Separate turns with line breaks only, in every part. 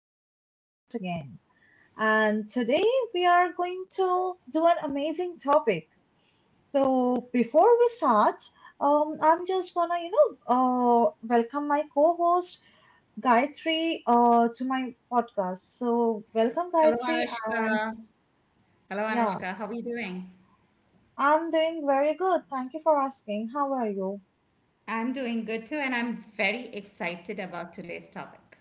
to my podcast again. And today we are going to do an amazing topic. So before we start, I'm just gonna welcome my co-host Gayatri to my podcast. So welcome
Hello,
Gayatri, and
Anushka. Hello,
yeah,
Anushka. How are you doing?
I'm doing very good. Thank you for asking. How are you?
I'm doing good too, and I'm very excited about today's topic.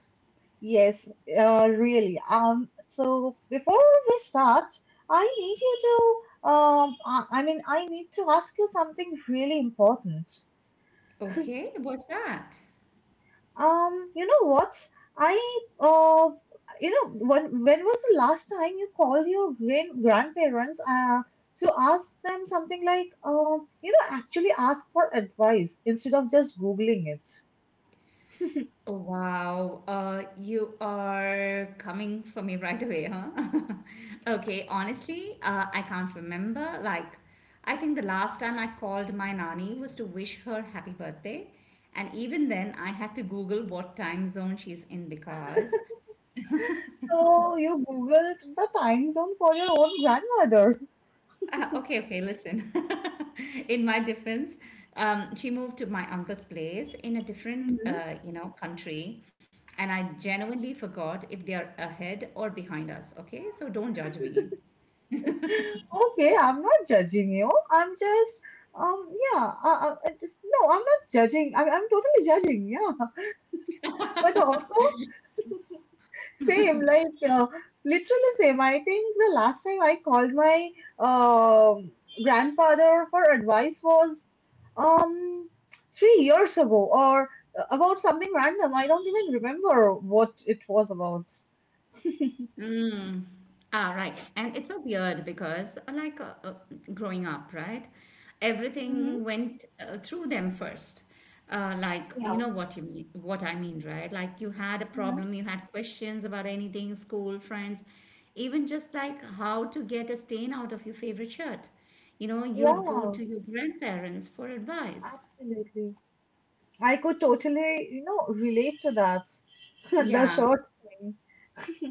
Yes, really. So before we start, I need you to, I mean, I need to ask you something really important.
Okay, what's that?
You know what? I, uh, you know, when was the last time you called your grandparents, to ask them something like, you know, actually ask for advice instead of just Googling it?
Oh, wow. You are coming for me right away, huh? Okay, honestly, I can't remember. Like, I think the last time I called my nanny was to wish her happy birthday. And even then, I had to Google what time zone she's in because.
So you Googled the time zone for your own grandmother.
Okay, okay, listen. In my defense, she moved to my uncle's place in a different, country, and I genuinely forgot if they are ahead or behind us. Okay, so don't judge me.
Okay, I'm not judging you. Yeah, no, I'm not judging. I'm totally judging, yeah. But also, same, like, literally same. I think the last time I called my um grandfather for advice was, um, 3 years ago, or about something random. I don't even remember what it was about.
Mm. Ah, right. And it's so weird because, like, growing up, right?
Hmm.
Everything went through them first. Like
Yeah.
you know what I mean, right? Like, you had a
Mm-hmm.
problem, you had questions about anything, school, friends, even just like how to get a stain out of your favorite shirt. You know, you'd go
Yeah,
to your grandparents for advice.
absolutely. I could totally, you know, relate to that. The
Yeah.
short thing.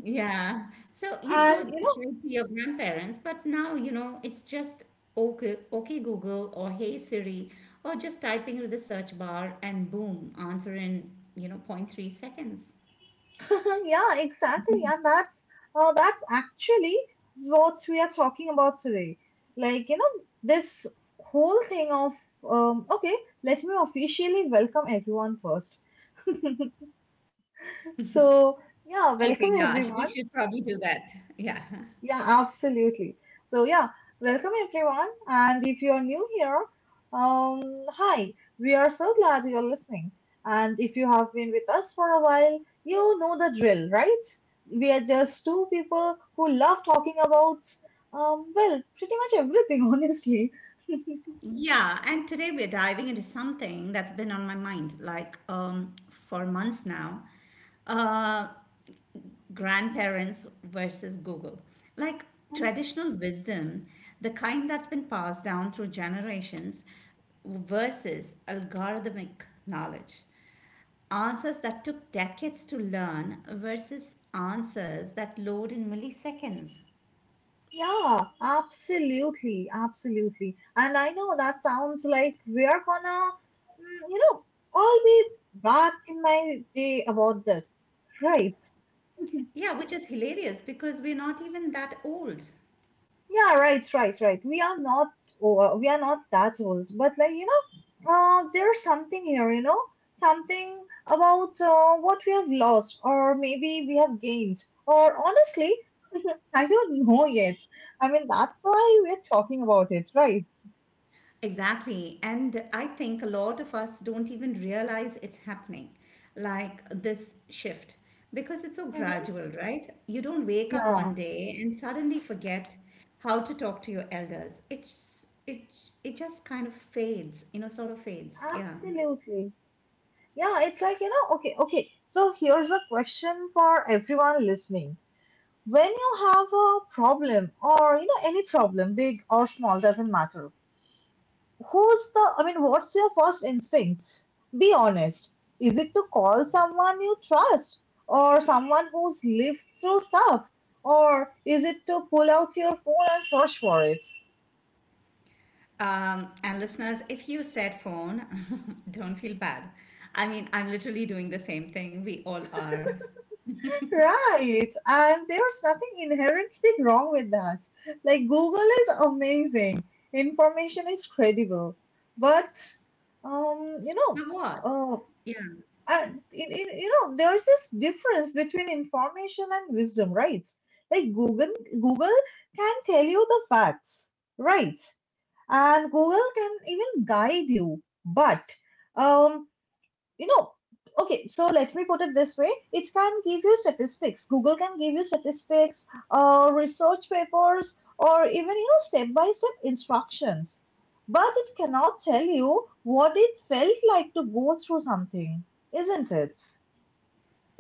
Yeah. So you'd
And
go
you
straight to your grandparents, but now, you know, it's just "Okay Google" or "Hey Siri" or just typing into the search bar and boom, answer in, you know, point 0.3 seconds.
know, yeah, exactly. And that's actually what we are talking about today. Like, you know, this whole thing of okay, let me officially welcome everyone first. So,
Okay,
yeah,
yeah,
welcome
we should
everyone.
probably do that. Yeah.
Yeah, absolutely. So, yeah, welcome everyone. And if you're new here, um, hi, we are so glad you're listening. And if you have been with us for a while, you know the drill, right? We are just two people who love talking about, well, pretty much everything, honestly.
Yeah, and today we're diving into something that's been on my mind like, for months now. Uh, grandparents versus Google. Like traditional wisdom, the kind that's been passed down through generations, versus algorithmic knowledge. Answers that took decades to learn versus answers that load in milliseconds.
Yeah, absolutely, absolutely. And I know that sounds like we are gonna, you know, all be back in my day about this, right?
Yeah, which is hilarious because we're not even that old.
Yeah, right, right, right. We are not, oh, we are not that old, but like, you know, there's something here, you know, something about what we have lost, or maybe we have gained, or honestly, I don't know yet. I mean, that's why we're talking about it, right?
Exactly. And I think a lot of us don't even realize it's happening, like this shift, because it's so
Mhm.
gradual, right? You don't wake up
Yeah,
one day and suddenly forget how to talk to your elders. It just kind of fades, sort of fades. Yeah.
absolutely. Yeah, it's like, you know, okay, okay. So here's a question for everyone listening. When you have a problem, or, you know, any problem, big or small, doesn't matter. Who's the, I mean, what's your first instinct? Be honest. Is it to call someone you trust or someone who's lived through stuff? Or is it to pull out your phone and search for it?
And listeners, if you said phone, don't feel bad. I mean, I'm literally doing the same thing. We all are.
Right. And there's nothing inherently wrong with that. Like, Google is amazing, information is credible. But, um, you
But
know,
what?
uh,
Yeah.
and you know, there's this difference between information and wisdom, right? Like, Google can tell you the facts, right? And Google can even guide you, but um you know, okay, so let me put it this way. It can give you statistics. Google can give you statistics, research papers, or even, you know, step by step instructions, but it cannot tell you what it felt like to go through something, isn't it?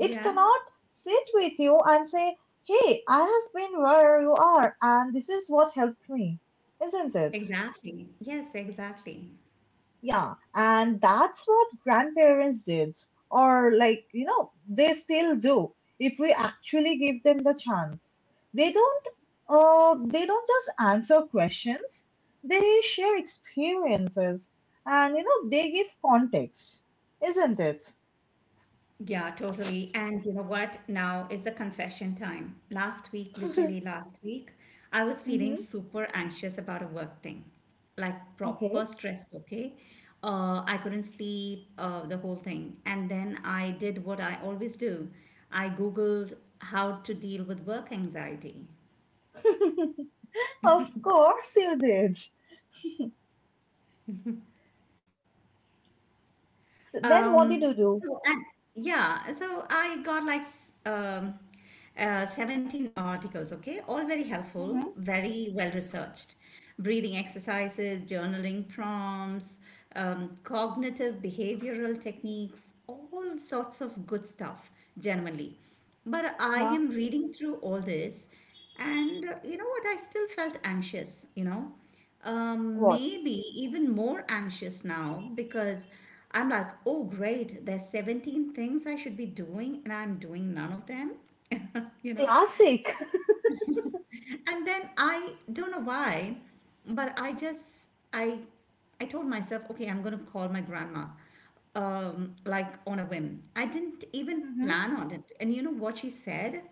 It cannot sit with you and say, hey, I have been where you are and this is what helped me, isn't it?
Exactly. Yes, exactly.
Yeah, and that's what grandparents did, or, like, you know, they still do if we actually give them the chance. They don't they don't just answer questions, they share experiences, and, you know, they give context, isn't it?
Yeah, totally. And you know what? Now is the confession time. Last week, literally last week, I was feeling
Mm-hmm.
super anxious about a work thing, like proper
Okay.
stressed, okay? I couldn't sleep, the whole thing. And then I did what I always do. I Googled how to deal with work anxiety.
Of course you did. So then what did
Um,
you do?
so and yeah, so I got like 17 articles, okay, all very helpful,
Mm-hmm.
very well researched. Breathing exercises, journaling prompts, cognitive behavioral techniques, all sorts of good stuff, genuinely. But I
Yeah.
am reading through all this, and you know what? I still felt anxious, you know. Um,
What?
maybe even more anxious now because I'm like, oh, great, there's 17 things I should be doing, and I'm doing none of them, you know?
Classic.
And then I don't know why, but I told myself, okay, I'm going to call my grandma, like on a whim. I didn't even
Mm-hmm.
plan on it. And you know what she said?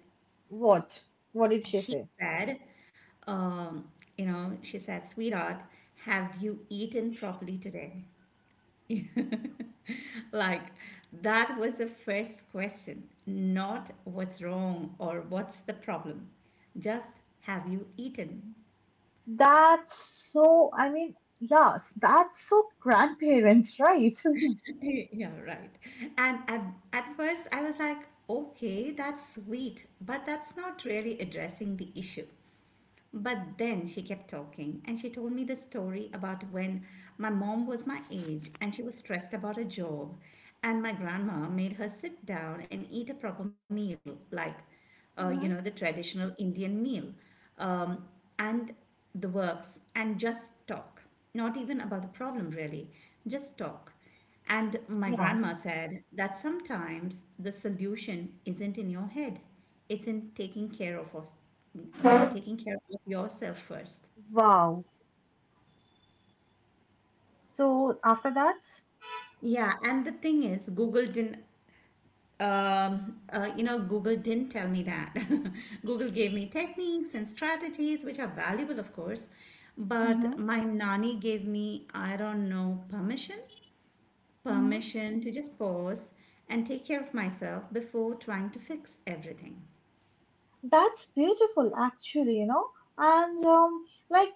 What? What did she
She
say?
said, um, she said, sweetheart, have you eaten properly today? Like, that was the first question, not what's wrong or what's the problem, just have you eaten?
That's so, I mean, yes, that's so grandparents, right?
Yeah, right. And at first, I was like, okay, that's sweet, but that's not really addressing the issue. But then she kept talking and she told me the story about when my mom was my age and she was stressed about a job. And my grandma made her sit down and eat a proper meal, like, the traditional Indian meal, um, and the works, and just talk. Not even about the problem, really, just talk. And my
Mm-hmm.
grandma said that sometimes the solution isn't in your head. It's in taking care of us,
Yeah.
taking care of yourself first.
Wow. So after that,
Yeah, and the thing is, Google didn't tell me that. Google gave me techniques and strategies, which are valuable, of course,
hmm
but my nanny gave me, I don't know, permission,
hmm
permission to just pause and take care of myself before trying to fix everything.
that's beautiful, actually, you know, and like,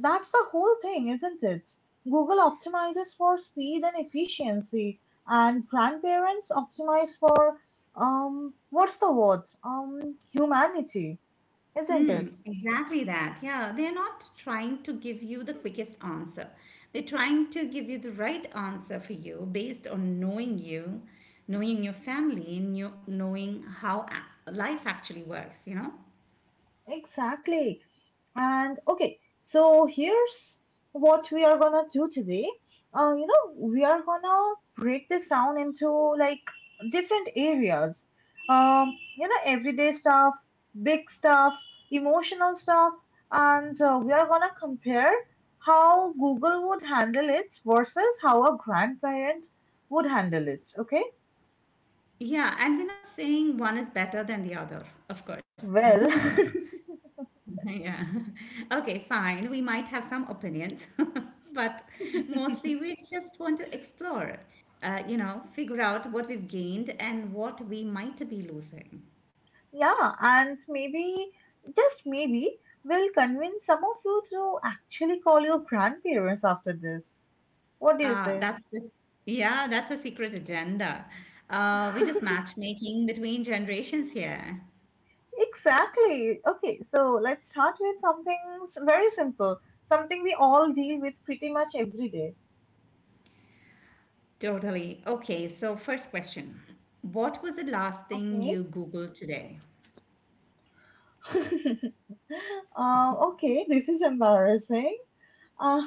that's the whole thing, isn't it? Google optimizes for speed and efficiency, and grandparents optimize for, what's the word? Humanity, isn't
Hmm,
it?
exactly that. Yeah, they're not trying to give you the quickest answer. They're trying to give you the right answer for you based on knowing you, knowing your family, and knowing how life actually works, you know?
Exactly. And okay, so here's what we are gonna do today. You know, we are gonna break this down into, like, different areas. You know, everyday stuff, big stuff, emotional stuff, and we are gonna compare how Google would handle it versus how a grandparent would handle it. Okay,
Yeah, and we're not saying one is better than the other, of course.
well.
Yeah. Okay, fine. We might have some opinions, but mostly we just want to explore, figure out what we've gained and what we might be losing.
Yeah, and maybe, just maybe, we'll convince some of you to actually call your grandparents after this. What do you
Uh,
say?
that's this, yeah, that's a secret agenda. Uh, we just matchmaking between generations here.
Exactly. Okay, so let's start with something very simple, something we all deal with pretty much every day.
Totally. Okay, so first question. What was the last thing
Okay.
you Googled today?
Okay, this is embarrassing. Uh,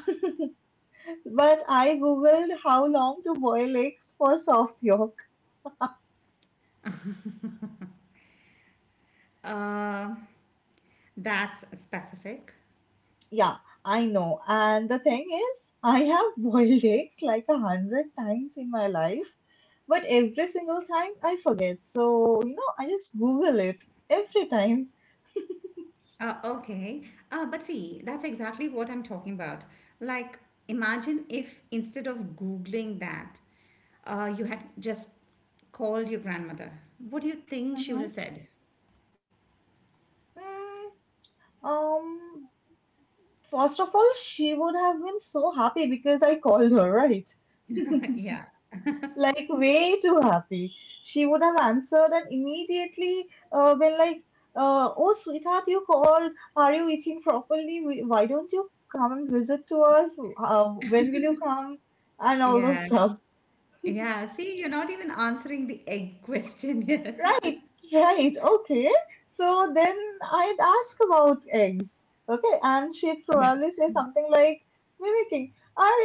but I googled how long to boil eggs for soft yolk.
Uh, that's specific.
Yeah, I know. And the thing is, I have boiled eggs like a hundred times in my life, but every single time I forget. So, you know, I just Google it every time.
Okay. But see, that's exactly what I'm talking about. Like, imagine if instead of Googling that, you had just called your grandmother. What do you think she would have
Mhm.
said?
Mm, um, first of all, she would have been so happy because I called her, right?
Yeah.
Like, way too happy. She would have answered and immediately been like, "Oh, sweetheart, you called. Are you eating properly? Why don't you come and visit to us? When will you come?" And all those
Yeah.
stuff.
Yeah. See, you're not even answering the egg question yet.
Right, right, okay. So then I'd ask about eggs, okay, and she'd
Yeah.
probably say something like, mimicking, are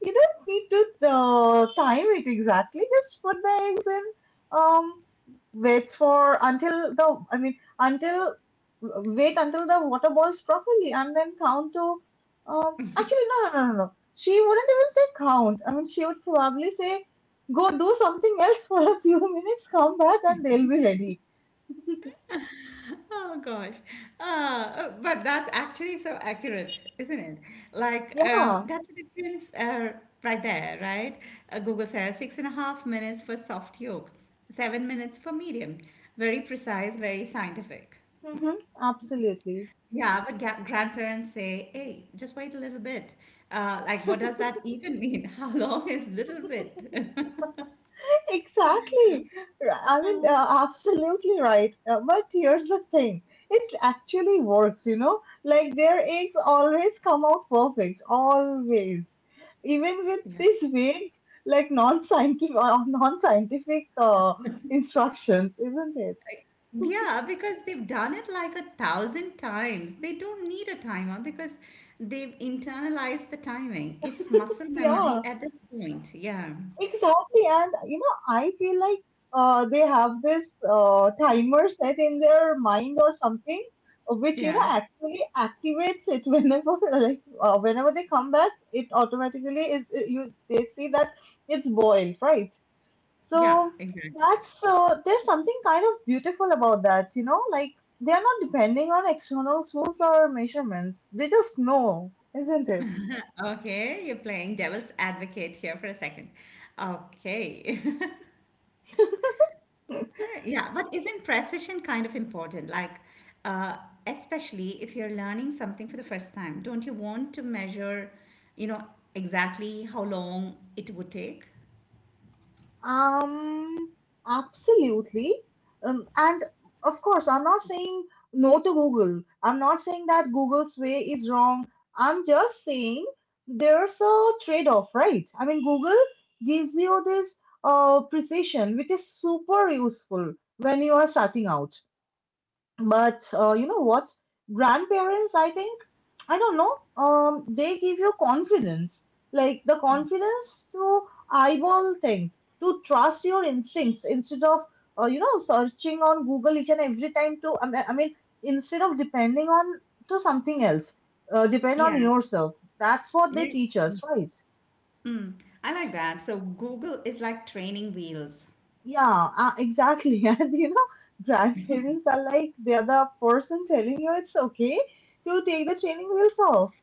you, don't need to time it exactly, just put the eggs in, um, waits for until the, I mean, until, wait until the water boils properly, and then count to, um, actually, no, no, no, no, no. She wouldn't even say count. I mean, she would probably say, go do something else for a few minutes, come back, and they'll be ready.
Oh gosh. But that's actually so accurate, isn't it? Like,
Yeah,
that's the difference right there, right? Google says 6.5 minutes for soft yolk, 7 minutes for medium. Very precise, very scientific.
hmm absolutely.
Yeah, but grandparents say, hey, just wait a little bit. Like, what does that even mean? How
Yeah.
long is little bit?
Exactly. I mean, absolutely right. But here's the thing, it actually works, you know? Like, their eggs always come out perfect, always. Even with this vague, like, non scientific instructions, isn't it?
Yeah, because they've done it like a thousand times. They don't need a timer because they've internalized the timing. It's muscle memory
Yeah.
at this point. Yeah,
Exactly, and you know, I feel like they have this timer set in their mind or something, which, you
yeah,
know, actually activates it whenever like, whenever they come back, it automatically you, they see that it's boiled, right?
yeah,
So
exactly.
that's there's something kind of beautiful about that, you know, like, they are not depending on external tools or measurements. They just know, isn't it?
Okay, you're playing devil's advocate here for a second. Okay. Yeah, but isn't precision kind of important? Like, uh, especially if you're learning something for the first time, don't you want to measure, you know, exactly how long it would take?
Um, absolutely. And of course, I'm not saying no to Google. I'm not saying that Google's way is wrong. I'm just saying there's a trade-off, right? I mean, Google gives you this precision, which is super useful when you are starting out. But you know what? Grandparents, I think, I don't know, they give you confidence, like the confidence to eyeball things, to trust your instincts instead of, you know, searching on Google each and every time, to, I mean, instead of depending on to something else, depend
Yeah.
on yourself. That's what they
Yeah.
teach us, right?
Mm, I like that. So Google is like training wheels.
Yeah, exactly. And you know, grandparents are like, they are the person telling you it's okay to take the training wheels off.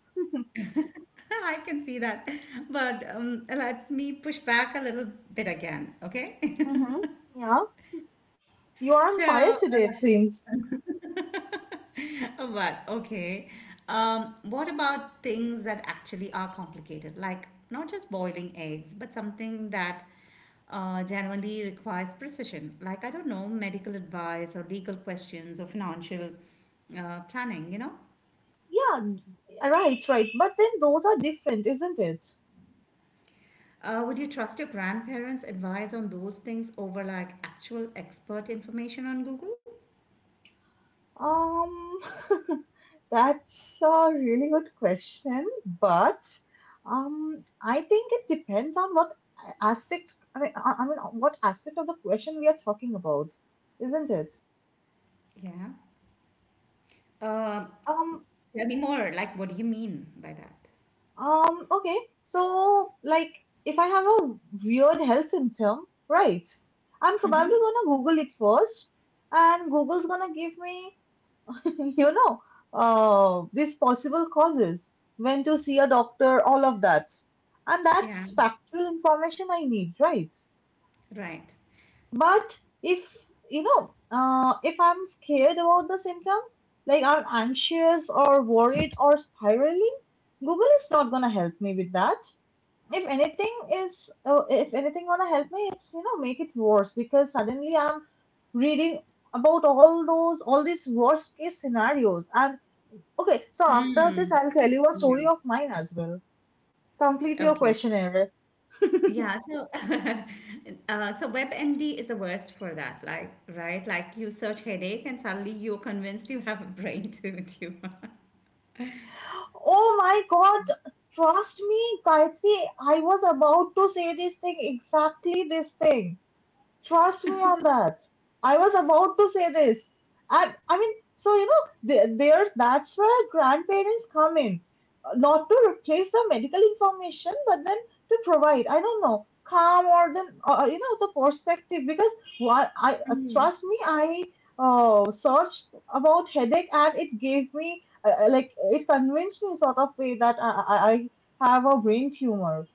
I can see that. But let me push back a little bit again, okay?
Mm-hmm. Yeah, you are
So,
on fire today, it seems.
but okay. What about things that actually are complicated? Like not just boiling eggs, but something that generally requires precision. Like, I don't know, medical advice or legal questions or financial planning, you know?
Yeah, right, right. But then those are different, isn't it?
Would you trust your grandparents' advice on those things over like actual expert information on Google?
Um, that's a really good question, but I think it depends on what aspect. I mean, what aspect of the question we are talking about, isn't it?
Yeah. Uh,
Um,
tell me more. Like, what do you mean by that?
okay. So, like, if I have a weird health symptom, right, I'm
Mm-hmm.
probably gonna Google it first, and Google's gonna give me you know, these possible causes, when to see a doctor, all of that. And
Yeah.
that's factual information I need, right?
Right.
But if, you know, if I'm scared about the symptom, like, I'm anxious or worried or spiraling, Google is not gonna help me with that. If anything gonna help me, it's, you know, make it worse, because suddenly I'm reading about all these worst case scenarios and okay, so after this,
Hmm.
I'll tell you a story
Yeah.
of mine as well. Complete your
Okay.
questionnaire.
Yeah. So, WebMD is the worst for that. Like, right? Like, you search headache and suddenly you're convinced you have a brain tumor.
Oh my god, trust me, Gayatri, I was about to say this thing, exactly this thing. Trust me on that. I was about to say this. And I mean, so you know, there that's where grandparents come in. Not to replace the medical information, but then to provide, I don't know, calm, or then, you know, the perspective. Because what I trust me, I searched about headache and it gave me, like, it convinced me, sort of way, that I have a brain tumor.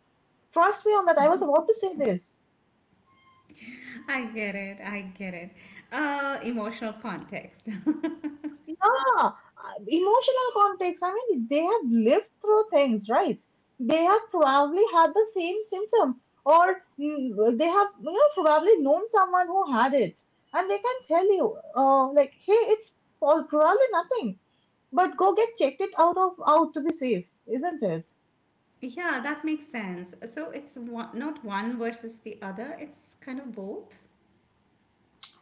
Trust me on that. I was about to say this.
I get it. I get it. Emotional context.
Yeah, emotional context. I mean, they have lived through things, right? They have probably had the same symptom, or they have, probably known someone who had it, and they can tell you, like, hey, it's probably nothing, but go get checked it out of out to be safe, isn't it?
Yeah, that makes sense. So it's not one versus the other, it's kind of both.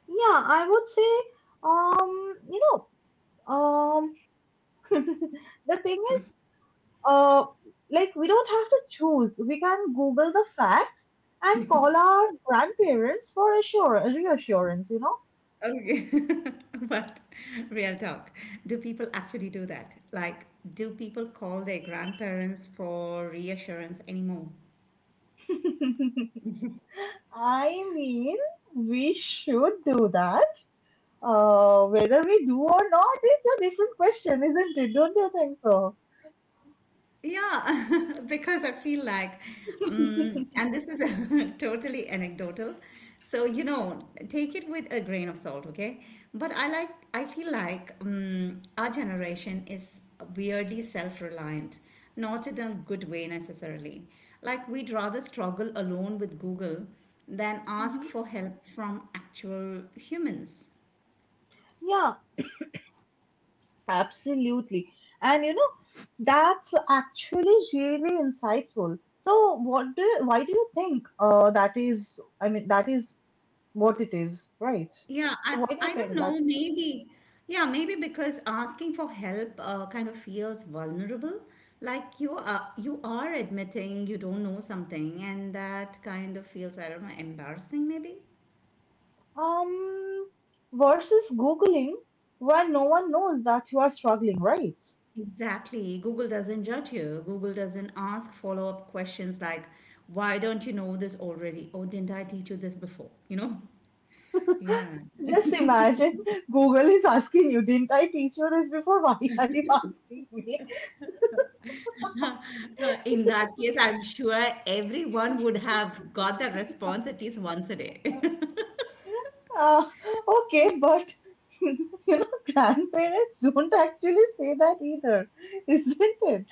Yeah, I would say, um, you know, um, the thing is, uh, like we don't have to choose. We can Google the facts and call our grandparents for reassurance,
Okay. But real talk, do people actually do that? Like, do people call their grandparents for reassurance anymore?
know. I mean, we should do that. Whether we do or not is a different question, isn't it? Don't you think so?
Yeah, because I feel like, and this is totally anecdotal. So, take it with a grain of salt, okay? But I feel like, our generation is weirdly self-reliant, not in a good way necessarily. Like, we'd rather struggle alone with Google than ask
Mhm.
for help from actual humans.
Yeah, absolutely. And that's actually really insightful. So, what do why do you think that is? I mean, that is what it is, right?
Yeah,
So
I,
what do you
I don't
think that
know. Maybe because asking for help kind of feels vulnerable. Like you are admitting you don't know something, and that kind of feels, I don't know, embarrassing maybe.
um versus Googling where no one knows that you are struggling, right?
Exactly. Google doesn't judge you. Google doesn't ask follow-up questions like, why don't you know this already? Or didn't I teach you this before? You know? Yeah.
Just imagine Google is asking you, didn't I teach you this before? Why are you asking me?
In that case, I'm sure everyone would have got that response at least once a day.
Uh, okay, but grandparents don't actually say that either, isn't it?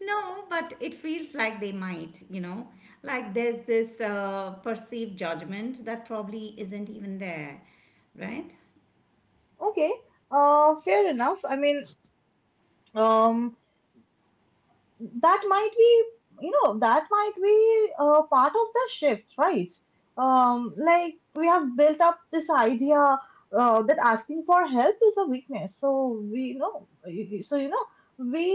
No, but it feels like they might. Like, there's this perceived judgment that probably isn't even there, right?
Okay, fair enough. I mean, um, that might be part of the shift, right. Like, we have built up this idea that asking for help is a weakness, so we you know so you know we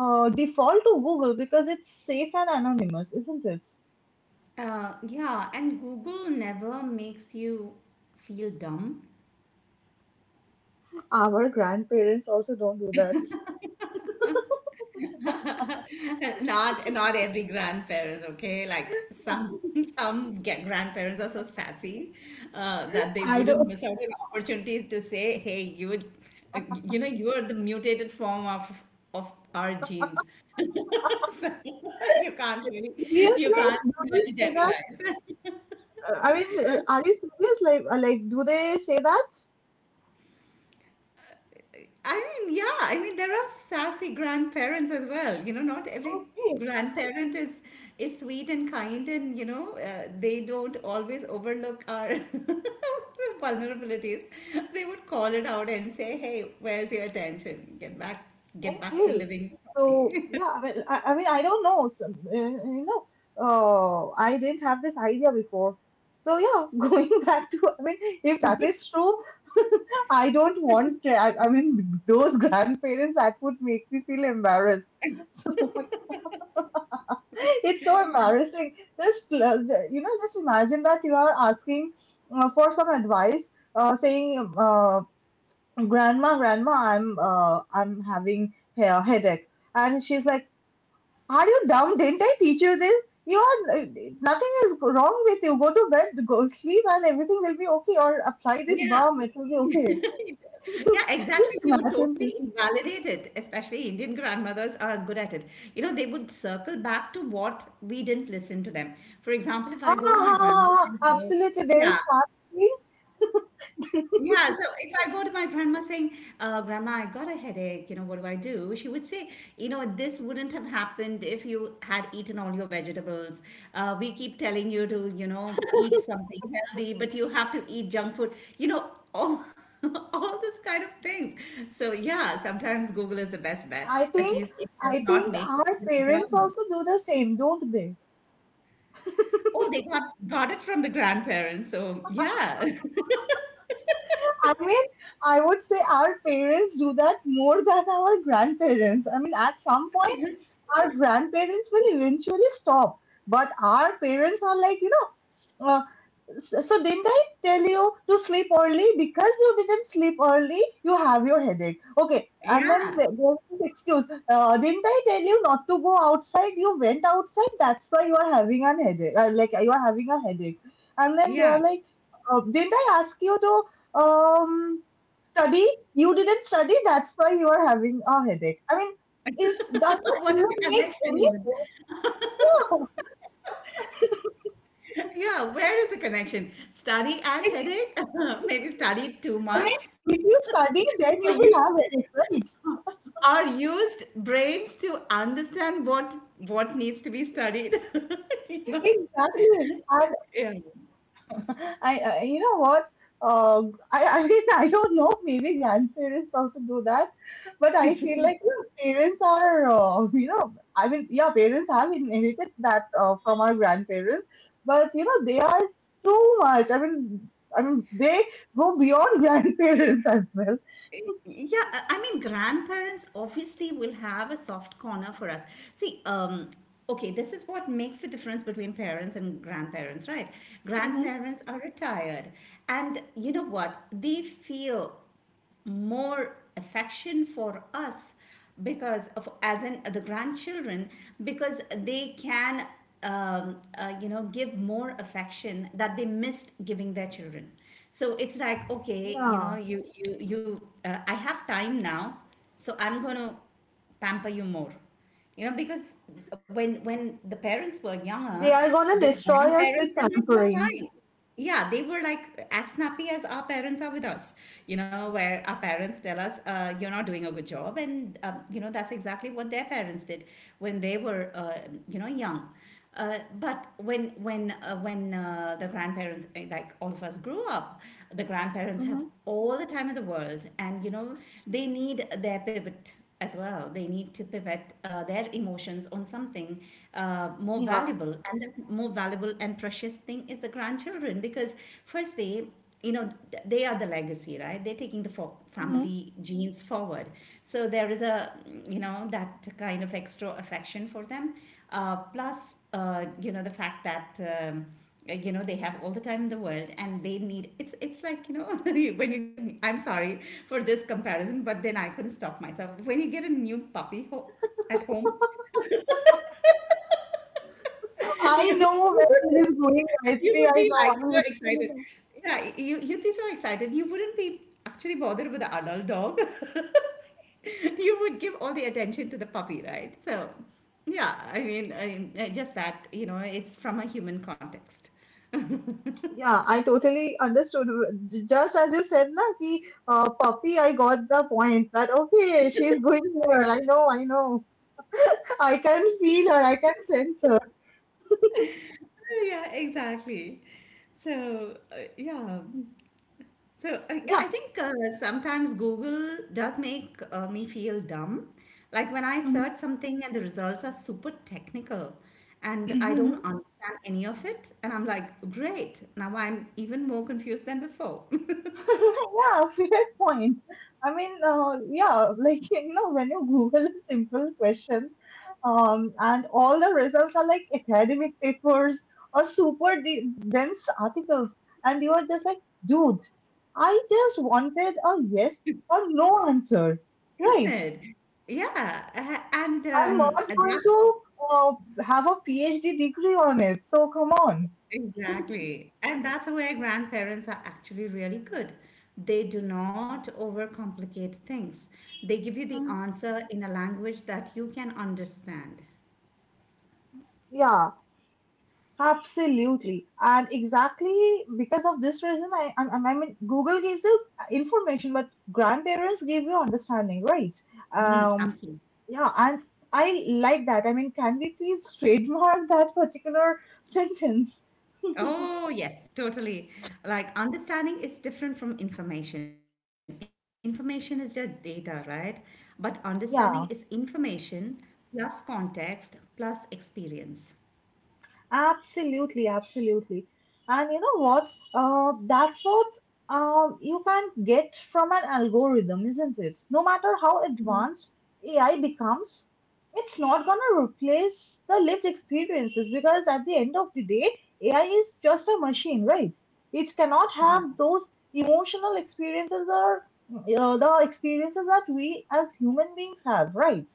default to Google because it's safe and anonymous, isn't it?
Yeah, and Google never makes you feel dumb.
Our grandparents also don't do that.
Not every grandparent, okay? Like some some grandparents are so sassy that they
I
wouldn't
don't
miss out on opportunities to say, "Hey, you would, you know, you are the mutated form of our genes. you can't really, you
Seriously,
can't
do they
really
say that?
generalize."
I mean, are you serious? Like, do they say that?
I mean, yeah, I mean there are sassy grandparents as well. You know, not every
Okay.
grandparent is sweet and kind, and they don't always overlook our vulnerabilities. They would call it out and say, "Hey, where's your attention? Get back to
Okay.
living
So
properly."
yeah, I mean, I mean, I don't know. I didn't have this idea before. So yeah, going back to, I mean, if that is true, I don't want. I mean, those grandparents that would make me feel embarrassed. So it's so embarrassing. Just just imagine that you are asking for some advice, saying, "Grandma, grandma, I'm having hair headache," and she's like, are you dumb? Didn't I teach you this? You are Nothing is wrong with you. Go to bed, go sleep, and everything will be okay. Or apply this
Yeah.
balm, it will be okay.
Yeah,
Just
exactly. She would
imagine this.
totally invalidate it, especially Indian grandmothers are good at it. You know, they would circle back to what we didn't listen to them. For example, if I
Ah,
go to my
ah, ah,
grandma and
ah,
say,
absolutely. They'll
yeah,
start saying,
yeah, so if I go to my grandma saying, Grandma, I got a headache, you know, what do I do? She would say, you know, this wouldn't have happened if you had eaten all your vegetables. We keep telling you to, you know, eat something healthy, but you have to eat junk food, you know, all, all this kind of things. So, yeah, sometimes Google is the best bet.
I
At
think,
least it does
I
not
think
make you
our
feel
parents
dumb.
also do the same, don't they?
Oh, they got it from the grandparents. So, yeah,
I mean, I would say our parents do that more than our grandparents. I mean, at some point, our grandparents will eventually stop, but our parents are like. So, didn't I tell you to sleep early? Because you didn't sleep early, you have your headache. Okay, and then
yeah,
there's this excuse. Didn't I tell you not to go outside? You went outside. That's why you are having an headache. Like, you are having a headache. And then they
yeah.
are like, didn't I ask you to um study? You didn't study. That's why you are having a headache. I mean, is does that
What is the
even make
connection
any
even?
sense? Yeah.
Yeah, where is the connection? Study and
It's,
headache? Maybe studied too
I mean,
much?
if you study, then
Or
you will
used,
have headache, right?
or used brains to understand what needs to be studied. You know?
Exactly. And
Yeah.
I, you know what? Uh, I mean, I don't know. Maybe grandparents also do that, but I feel like parents are, I mean, yeah, parents have inherited that from our grandparents, but they are too much. I mean, they go beyond grandparents as well.
Yeah, I mean, grandparents obviously will have a soft corner for us. See, okay, this is what makes the difference between parents and grandparents, right?
Hmm.
Grandparents are retired, and you know what? They feel more affection for us because of, as in the grandchildren, because they can you know, give more affection that they missed giving their children. So it's like, okay, you know,
Yeah,
you I have time now, so I'm going to pamper you more, you know, because when the parents were younger,
they are
the
gonna destroy us
grandparents
with
didn't have
tampering.
time. Yeah, they were like as snappy as our parents are with us. You know, where our parents tell us, "You're not doing a good job," and you know, that's exactly what their parents did when they were, you know, young. But when the grandparents, like all of us, grew up, the grandparents have
Hmm.
all the time in the world, and you know, they need their pivot as well. They need to pivot their emotions on something more
Yeah.
valuable, and that more valuable and precious thing is the grandchildren because, firstly, you know, they are the legacy, right? They're taking the
Mm-hmm.
family genes forward. So there is a, you know, that kind of extra affection for them, plus you know, the fact that you know, they have all the time in the world and they need, it's like, you know, when you get an, I'm sorry for this comparison, but then I couldn't stop myself, when you get a new puppy at home.
I
You
know where this is going,
you
Gayatri.
would
I
be
know.
like
I'm
so excited.
literally.
Yeah, you'd be so excited. You wouldn't be actually bothered with the adult dog. You would give all the attention to the puppy, right? So, yeah, I mean, I just that, you know, it's from a human context.
Yeah, I totally understood. Just as you said, na ki puppy, I got the point that okay, she's going here. I know, I know. I can feel her. I can sense her.
Yeah, exactly. So, yeah. So yeah,
Yeah.
I think sometimes Google does make me feel dumb. Like when I
Mhm.
search something and the results are super technical and I don't understand any of it, and I'm like, great, now I'm even more confused than before,
Yeah, fair point. I mean, yeah, like, when you Google a simple question, and all the results are like academic papers or super dense articles, and you are just like, dude, I just wanted a yes or no answer,
isn't
right?
it? Yeah, and
I'm not going
that's
to uh, have a PhD degree on it, so come on.
exactly, and that's where grandparents are actually really good. They do not overcomplicate things. They give you the
Mhm.
answer in a language that you can understand.
Yeah, absolutely. And exactly because of this reason, I mean, Google gives you information, but grandparents give you understanding, right?
Mm,
Um,
absolutely.
yeah, and I like that. I mean, can we please trademark that particular sentence?
Oh, yes, totally. Like understanding is different from information. Information is just data, right? But understanding is
Yeah.
information plus context plus experience.
Absolutely, absolutely. And you know what? That's what you can get from an algorithm, isn't it? No matter how advanced AI becomes, it's not going to replace the lived experiences, because at the end of the day, AI is just a machine, right? It cannot
Yeah.
have those emotional experiences or the experiences that we as human beings have, right?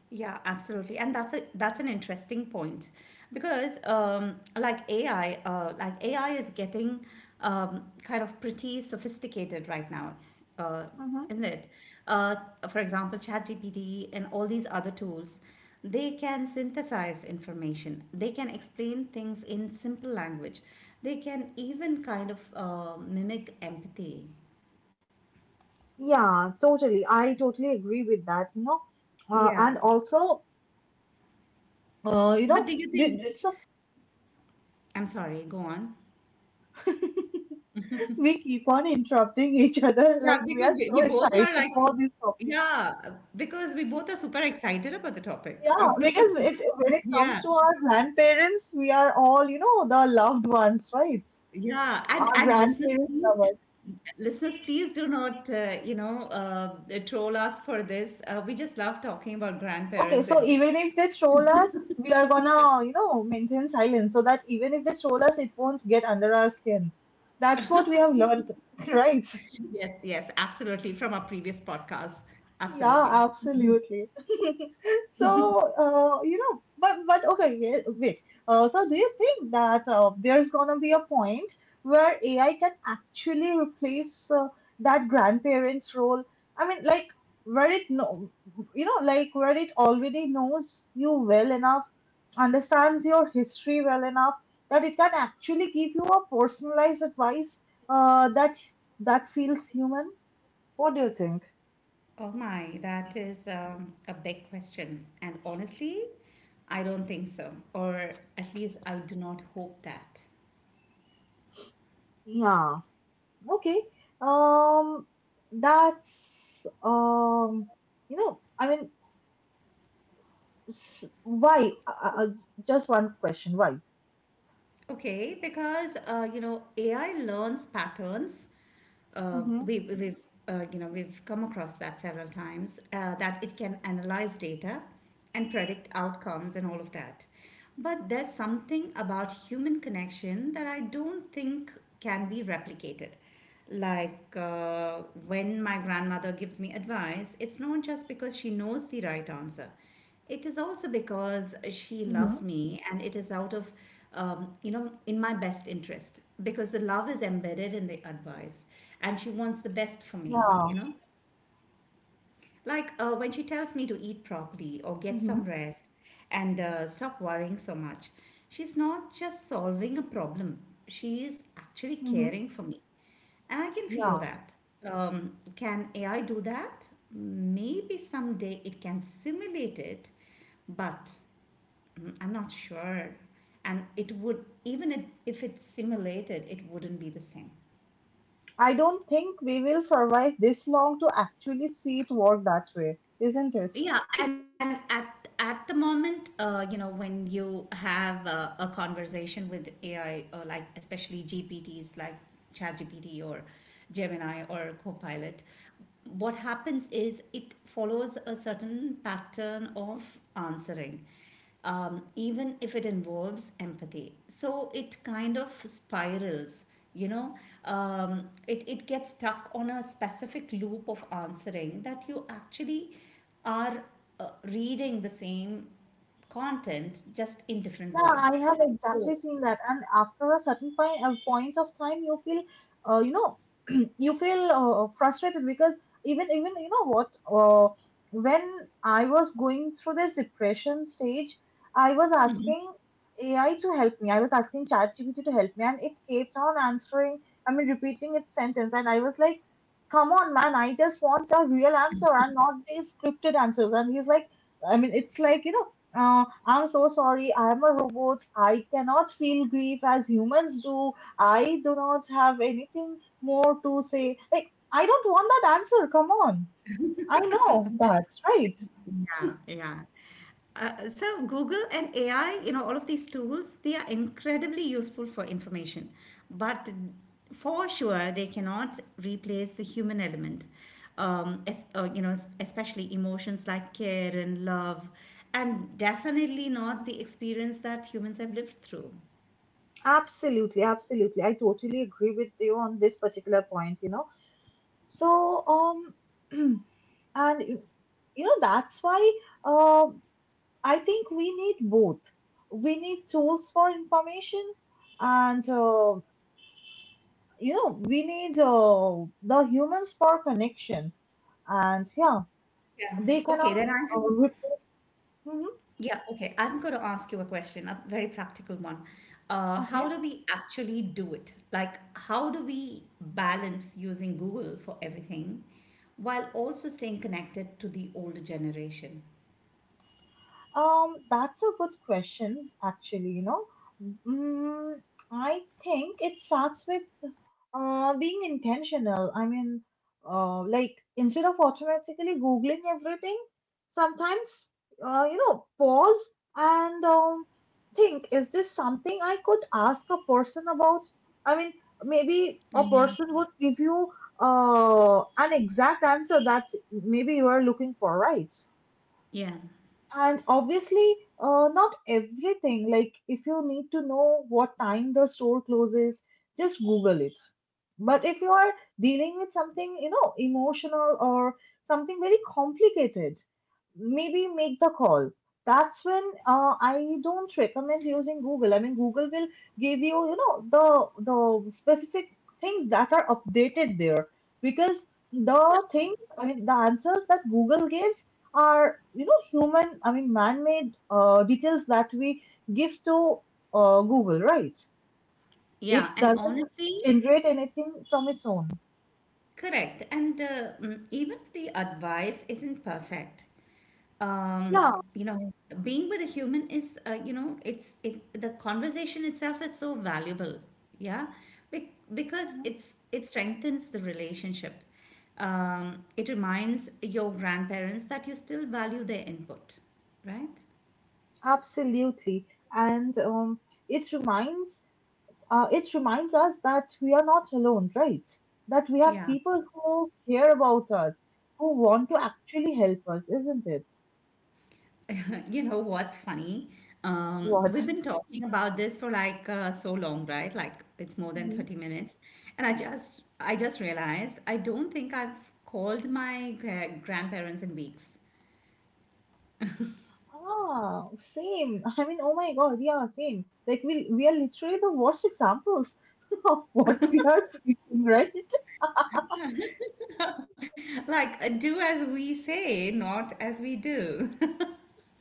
Yeah, absolutely, and that's a that's an interesting point because like AI, like AI is getting kind of pretty sophisticated right now, uh,
Mm-hmm.
isn't it? Uh, for example, ChatGPT and all these other tools, they can synthesize information. They can explain things in simple language. They can even kind of mimic empathy.
Yeah, totally. I totally agree with that.
Yeah,
And also, uh, you
but
know,
do you think?
so
I'm sorry. Go on.
we keep on interrupting each other.
Yeah,
Like, we
because
are so
we both
excited
are like,
about this topic.
yeah, because we both are super excited about the topic.
Yeah, because if, when it
Yeah,
comes to our grandparents, we are all, the loved ones, right?
yeah, and
Our
and
grandparents love us.
listeners, please do not, you know, troll us for this. We just love talking about
Okay,
grandparents,
so
and
even if they troll us, we are gonna, maintain silence so that even if they troll us, it won't get under our skin. That's what we have learned, right?
yes, yes, absolutely, from our previous podcast,
Yeah,
absolutely.
absolutely. So, but okay, yeah, wait. So do you think that there's gonna be a point where AI can actually replace that grandparent's role? I mean, like where it know, you know, like where it already knows you well enough, understands your history well enough that it can actually give you a personalized advice uh, that that feels human. What do you think?
Oh my, that is a big question, and honestly, I don't think so, or at least I do not hope that.
Yeah. Okay. Um, that's I mean, why? Just one question. Why?
Okay, because you know, AI learns patterns.
Mm-hmm.
We've you know, we've come across that several times that it can analyze data and predict outcomes and all of that. But there's something about human connection that I don't think can be replicated. Like when my grandmother gives me advice, it's not just because she knows the right answer. It is also because she
Mm-hmm.
loves me, and it is out of, you know, in my best interest because the love is embedded in the advice, and she wants the best for me, you
Yeah,
know. Like when she tells me to eat properly or get
Mm-hmm.
some rest and stop worrying so much, she's not just solving a problem, she is actually
Mm-hmm.
caring for me. And I can feel
Yeah.
that. Can AI do that? Maybe someday it can simulate it, but, mm, I'm not sure. And it would, even if it's simulated, it wouldn't be the same.
I don't think we will survive this long to actually see it work that way, isn't it?
Yeah, and at the moment, you know, when you have a conversation with AI, or like especially GPTs like ChatGPT or Gemini or Copilot, what happens is it follows a certain pattern of answering, even if it involves empathy. So it kind of spirals, you know, it gets stuck on a specific loop of answering that you actually are reading the same content just in different
Yeah, I
words.
have
So
exactly seen that. And after a certain point, a point of time, you feel, you know, you feel frustrated, because even you know what, when I was going through this depression stage, I was asking AI to help me. I was asking ChatGPT to help me, and it kept on answering. I mean, repeating its sentence, and I was like, "Come on, man! I just want a real answer and not these scripted answers." And he's like, "I mean, it's like you know." I'm so sorry. I'm a robot. I cannot feel grief as humans do. I do not have anything more to say. Like, I don't want that answer. Come on. I know that, right?
yeah, yeah. So Google and AI, you know, all of these tools, they are incredibly useful for information, but for sure they cannot replace the human element. You know, especially emotions like care and love, and definitely not the experience that humans have lived through.
Absolutely, absolutely. I totally agree with you on this particular point. So, and that's why uh, I think we need both. We need tools for information, and we need the humans for connection. And yeah,
Yeah.
they
Okay,
cannot
then I have,
replace. Mhm.
yeah, okay. I'm going to ask you a question, a very practical one. How
Okay.
do we actually do it? Like, how do we balance using Google for everything while also staying connected to the older generation?
That's a good question, actually. Mm, I think it starts with being intentional. I mean, like instead of automatically Googling everything, sometimes, pause and think, is this something I could ask a person about? I mean, maybe a person would give you an exact answer that maybe you are looking for, right?
Yeah,
And obviously not everything. Like, if you need to know what time the store closes, just Google it. But if you are dealing with something emotional or something very complicated, maybe make the call. That's when I don't recommend using Google. I mean, Google will give you you know the specific things that are updated there, because the things I mean the answers that Google gives are human, I mean man-made details that we give to Google, right?
yeah,
It
and
doesn't
honestly,
generate anything from its own.
correct. And mm, even if the advice isn't perfect, um
Yeah.
you know, being with a human is, you know, it's it the conversation itself is so valuable. Yeah. Because
Mhm.
it strengthens the relationship, um, it reminds your grandparents that you still value their input, right?
Absolutely. And it reminds it reminds us that we are not alone, right? That we have
Yeah.
people who care about us, who want to actually help us, isn't it?
You know what's funny? We've
What?
been talking about this for like so long, right? Like it's more than 30 minutes. And I just realized I don't think I've called my grandparents in weeks.
Ah, same. I mean, oh my God, yeah, same. Like, we are literally the worst examples of what we are preaching, right?
Like do as we say, not as we do.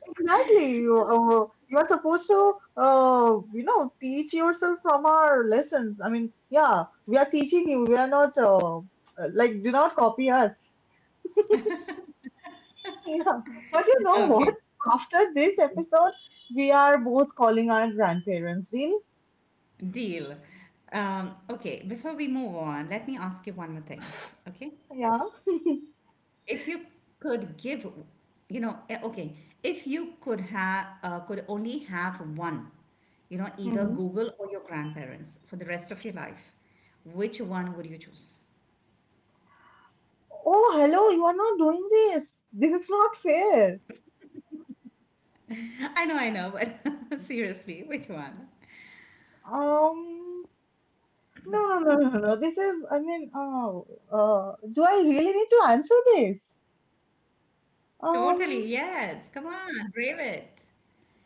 Exactly. You are supposed to, teach yourself from our lessons. I mean, yeah, we are teaching you. We are not, like, do not copy us. Yeah, but you know what?
Okay,
After this episode, we are both calling our grandparents, Dean.
deal. Okay, before we move on, let me ask you one more thing. Okay?
Yeah.
If you could give, you know, okay, if you could have could only have one, you know, either Google or your grandparents for the rest of your life, which one would you choose?
Oh, hello, you are not doing this. This is not fair.
I know, but seriously, which one?
Um, no, no, no, no, no. I mean, do I really need to answer this?
Totally, yes. Come
Um,
on, brave it.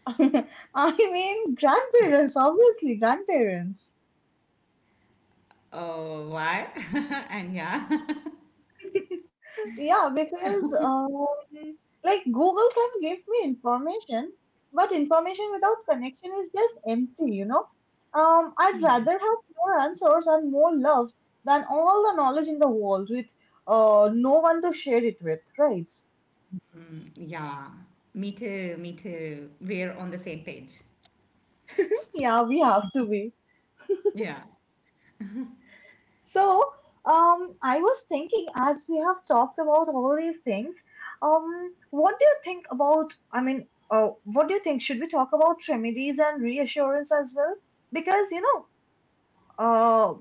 I mean, grandparents, obviously, grandparents.
Oh, why? And yeah.
Yeah, because like Google can give me information, but information without connection is just empty. I'd rather have more answers and more love than all the knowledge in the world with no one to share it with, right?
Yeah, me too, me too. We're on the same page.
Yeah, we have to be.
Yeah,
So, I was thinking as we have talked about all these things. What do you think about, I mean, what do you think? Should we talk about remedies and reassurance as well? Because, uh,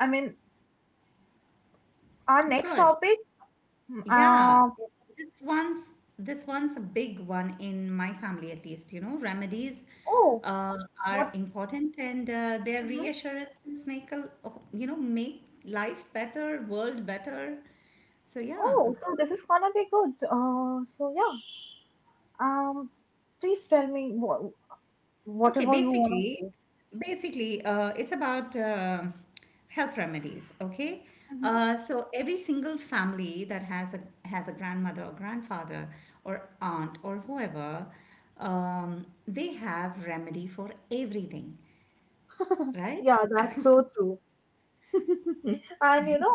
I mean, our
of
next
course.
topic, mm,
Yeah,
uh,
this one's this one's a big one in my family, at least. You know, remedies
oh,
uh, are
what?
important, and their
Mhm.
reassurances make a, you know, make life better, world better. So yeah.
Oh, so this is gonna be good. So yeah, um, please tell me what,
Okay,
whatever you wanna say.
basically, it's about health remedies. Okay,
Mhm.
so every single family that has a grandmother or grandfather or aunt or whoever, they have remedy for everything, right?
Yeah, that's so true. And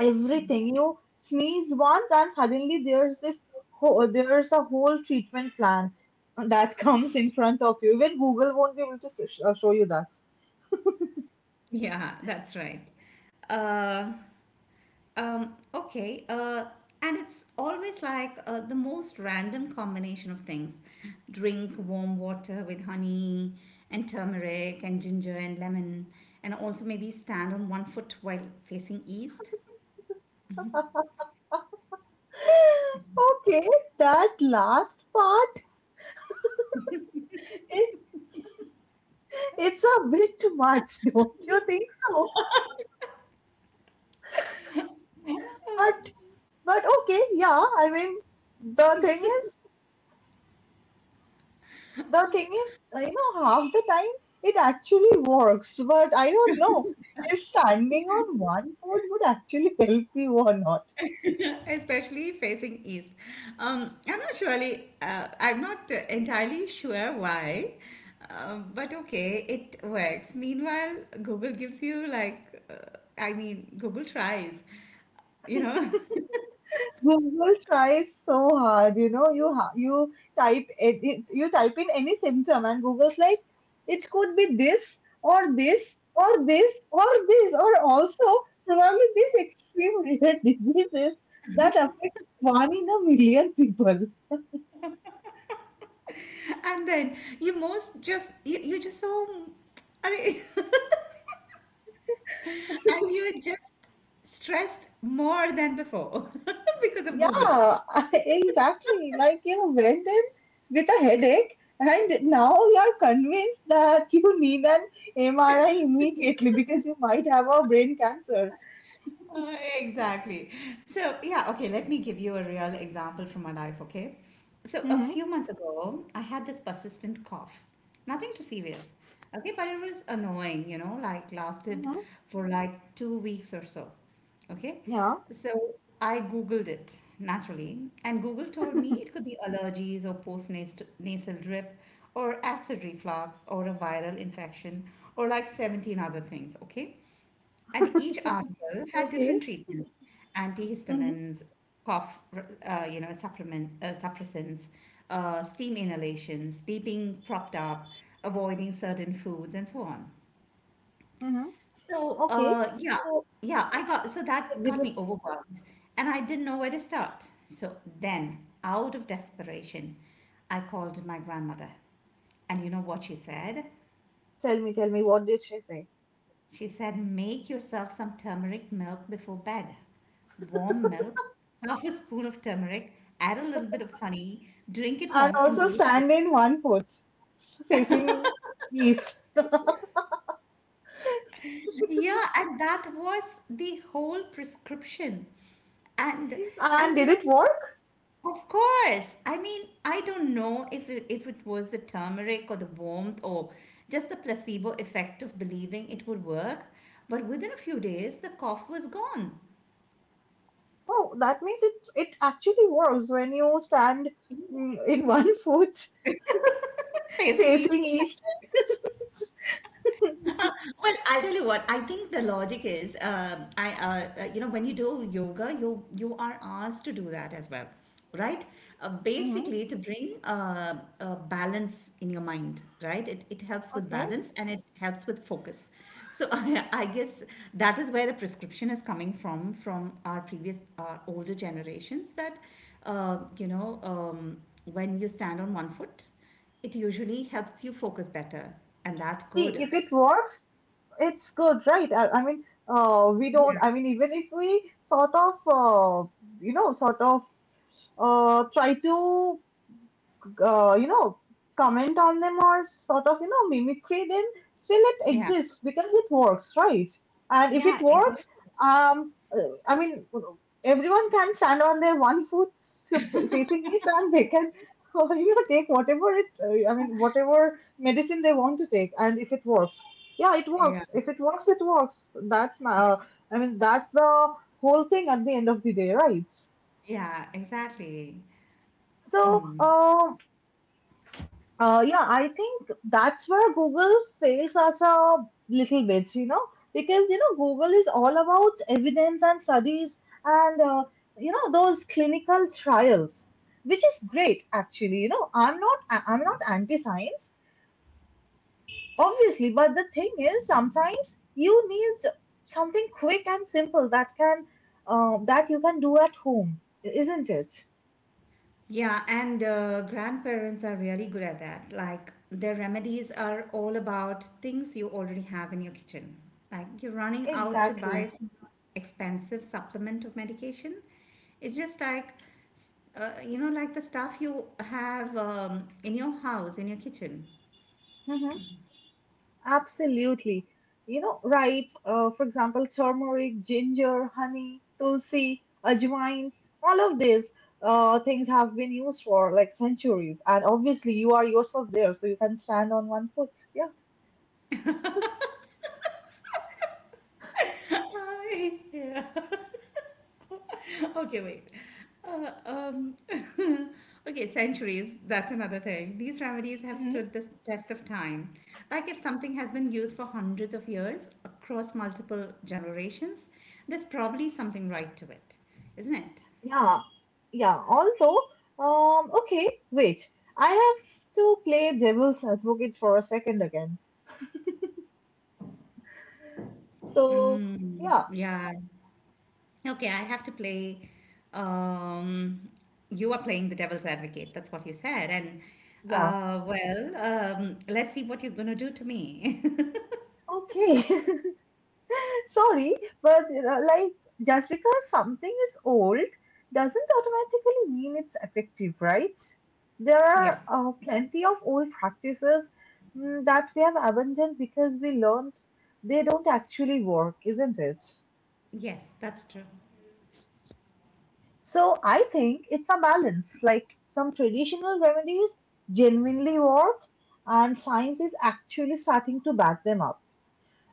everything. You sneezed once, and suddenly there's this whole, there's a whole treatment plan that comes in front of you. Even Google won't be able to show you that.
Yeah, that's right. Uh, um, okay. And it's always like the most random combination of things. Drink warm water with honey and turmeric and ginger and lemon, and also maybe stand on one foot while facing east.
Okay, that last part, it, it's a bit much, don't you think so? But But okay, yeah, I mean, the thing is, the thing is, you know, half the time it actually works, but I don't know if standing on one foot would actually help you or not.
Especially facing east. I'm not entirely sure why, but okay, it works. Meanwhile, Google gives you like, I mean, Google tries, you know.
Google tries so hard, you type you type in any symptom and Google's like, it could be this or this or this or this or also probably these extreme rare diseases that affect one in a million people.
And then you most just you, you just so, I mean, and you're just stressed more than before because of Google.
Yeah, exactly. Like you went in with a headache, and now you're convinced that you need an MRI immediately because you might have a brain cancer.
Exactly. So, yeah, okay, let me give you a real example from my life, okay? So, a
Mm-hmm.
few months ago, I had this persistent cough. Nothing too serious, okay, but it was annoying, you know, like lasted
Mm-hmm.
for like two weeks or so, okay?
Yeah.
So, I Googled it naturally, and Google told me it could be allergies or post nasal drip or acid reflux or a viral infection or like 17 other things, okay? And each article had
Okay.
different treatments,
Mm-hmm.
antihistamines, cough, you know, supplement, suppressants, steam inhalations, sleeping propped up, avoiding certain foods, and so on.
Mm-hmm.
So,
Okay.
yeah,
So,
yeah, so that
did
got
you
me overwhelmed and I didn't know where to start. So then, out of desperation, I called my grandmother. And you know what she said?
tell me? Tell me, what did she say?
She said, "Make yourself some turmeric milk before bed. Warm milk, half a spoon of turmeric, add a little bit of honey, drink it
And
warm, and
also
go to sleep."
stand in one foot, facing east.
Yeah, and that was the whole prescription. And
And
and
did it work?
of course, I mean, I don't know if it was the turmeric or the warmth or just the placebo effect of believing it would work, but within a few days, the cough was gone.
Oh, that means it actually works when you stand in one foot.
Facing
Facing
east.
east.
Uh, Well, I'll tell you what. I think the logic is, when you do yoga, you are asked to do that as well, right?
Mm-hmm.
Basically, to bring balance in your mind, right? It helps with
Okay.
balance and it helps with focus. So I guess that is where the prescription is coming from our older generations that uh, you know um, when you stand on one foot, it usually helps you focus better, and that
See,
could.
if it works, it's good, right? I mean, we don't, I mean, even if we sort of, you know, sort of try to uh, you know, comment on them or sort of, mimicry them, still it
Yeah.
exists because it works, right? And if
Yeah,
it
exactly.
works, I mean, everyone can stand on their one foot facing east and they can, take whatever I mean, whatever medicine they want to take. And if it works, yeah, it works.
Yeah,
If it works, it works.
yeah,
I mean, that's the whole thing at the end of the day, right?
yeah, exactly.
So,
Mm.
um, Uh, yeah, I think that's where Google fails us a little bit, because you know Google is all about evidence and studies and you know those clinical trials, which is great actually. You know, I'm not anti-science, obviously, but the thing is sometimes you need something quick and simple that you can do at home, isn't it?
Yeah, and grandparents are really good at that. Like, their remedies are all about things you already have in your kitchen. Like, you're running out to buy
Exactly.
some expensive supplement of medication. It's just like, s- like the stuff you have in your house, in your kitchen.
Absolutely. You know, right? For example, turmeric, ginger, honey, tulsi, ajwain, all of these things have been used for like centuries. And obviously, you are yourself there, so you can stand on one foot. Yeah.
Yeah. Okay, wait. Uh, um, okay, centuries, that's another thing. These remedies have
Mm-hmm.
stood the test of time. Like, if something has been used for hundreds of years across multiple generations, there's probably something right to it, isn't it?
Yeah, yeah. Also, okay, wait. I have to play devil's advocate for a second again. So,
Mm,
yeah,
yeah. Okay, I have to play. Um, you are playing the devil's advocate. That's what you said. And
yeah.
well, let's see what you're going to do to me.
Okay. Sorry, but you know, like just because something is old doesn't automatically mean it's effective, right? There
Yeah.
are plenty of old practices that we have abandoned because we learned they don't actually work, isn't it?
Yes, that's true.
So I think it's a balance. Like some traditional remedies genuinely work, and science is actually starting to back them up.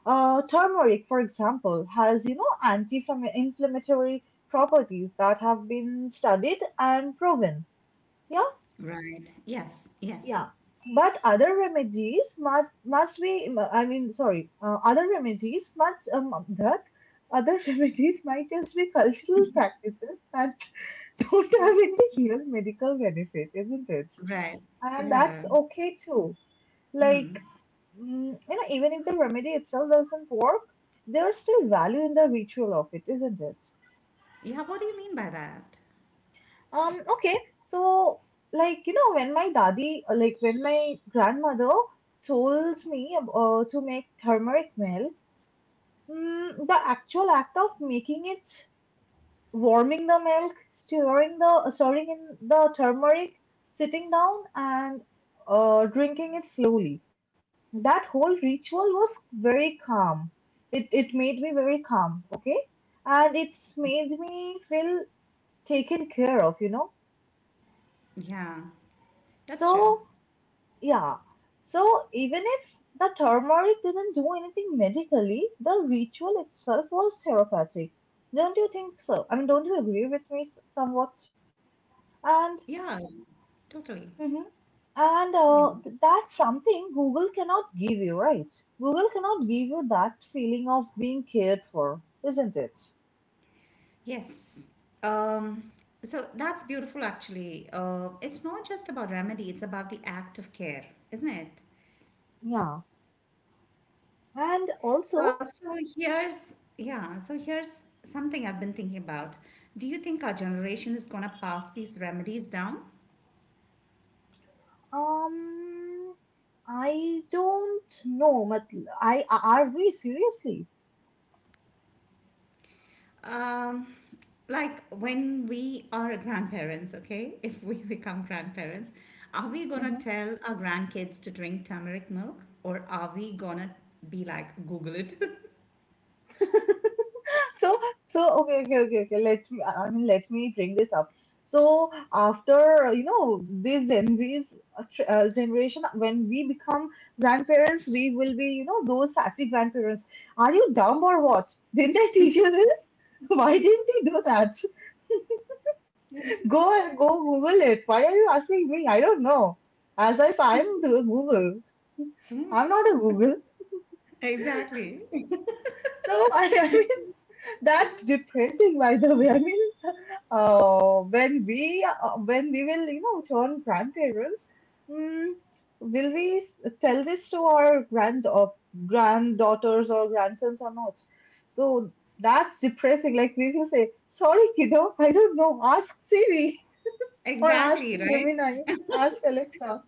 Turmeric, for example, has you know anti-inflammatory properties that have been studied and proven. Yeah,
Right. Yes. Yes.
yeah. But other remedies must be. I mean, sorry. Other remedies must that other remedies might just be cultural practices that don't have any real medical benefit, isn't it?
Right.
And that's
Yeah.
okay too. Like, you know, even if the remedy itself doesn't work, there's still value in the ritual of it, isn't it?
Yeah. What do you mean by that?
Okay, so like, you know, when my grandmother told me to make turmeric milk, the actual act of making it, warming the milk, stirring in the turmeric, sitting down and drinking it slowly. That whole ritual was very calm. It made me very calm, okay? And it's made me feel taken care of, you know?
Yeah. That's true.
So yeah. So even if the turmeric didn't do anything medically, the ritual itself was therapeutic. Don't you think so? I mean, don't you agree with me somewhat? And
Yeah. Totally.
And
Yeah.
uh, th- that's something Google cannot give you, right? Google cannot give you that feeling of being cared for, isn't it?
Yes. Um, so that's beautiful, actually. It's not just about remedy, it's about the act of care, isn't it?
Yeah. And also,
Yeah, so here's something I've been thinking about. Do you think our generation is going to pass these remedies down?
um, I don't know, but I are we seriously?
Um, like, when we are grandparents, okay, if we become grandparents, are we gonna
Mhm.
tell our grandkids to drink turmeric milk or are we gonna be like, Google it?
So, so, okay, okay, okay, okay. I mean, let me bring this up. So after you know this Gen Z's generation, when we become grandparents, we will be you know those sassy grandparents. Are you dumb or what? Didn't I teach you this? Why didn't you do that? Go go Google it. Why are you asking me? I don't know. As if I'm the Google. I'm not a Google.
Exactly.
So I mean that's depressing, by the way. I mean when we will you know turn grandparents, mm, will we tell this to our granddaughters or grandsons or not? So that's depressing. Like, we will say, sorry, kiddo, I don't know, ask Siri or ask
Exactly, right?
Gemini, ask Alexa.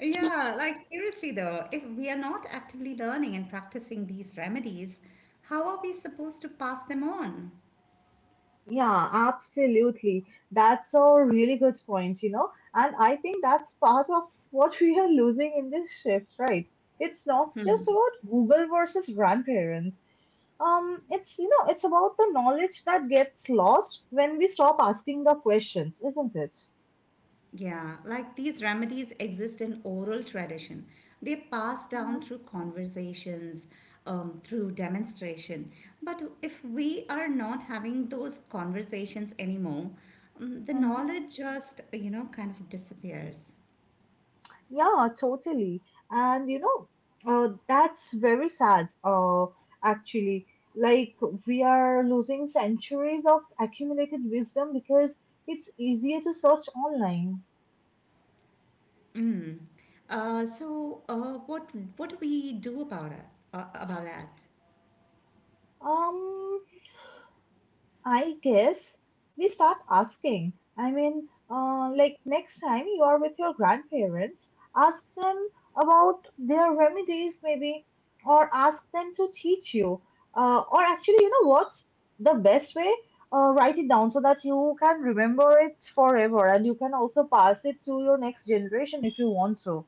Yeah, like seriously though, if we are not actively learning and practicing these remedies, how are we supposed to pass them on?
Yeah, absolutely. That's a really good point, you know. And I think that's part of what we are losing in this shift, right? It's not just about Google versus grandparents. It's about the knowledge that gets lost when we stop asking the questions, isn't it?
Yeah, like these remedies exist in oral tradition. They pass down
Mhm,
through conversations, through demonstration. But if we are not having those conversations anymore, the
mhm.
knowledge just kind of disappears.
Yeah, totally. And you know, that's very sad, actually. Like, we are losing centuries of accumulated wisdom because it's easier to search online.
Mm. So, what do we do about it? About that?
Um, I guess we start asking. I mean, like next time you are with your grandparents, ask them about their remedies, maybe, or ask them to teach you. Or actually, you know what? The best way, write it down so that you can remember it forever and you can also pass it to your next generation if you want to.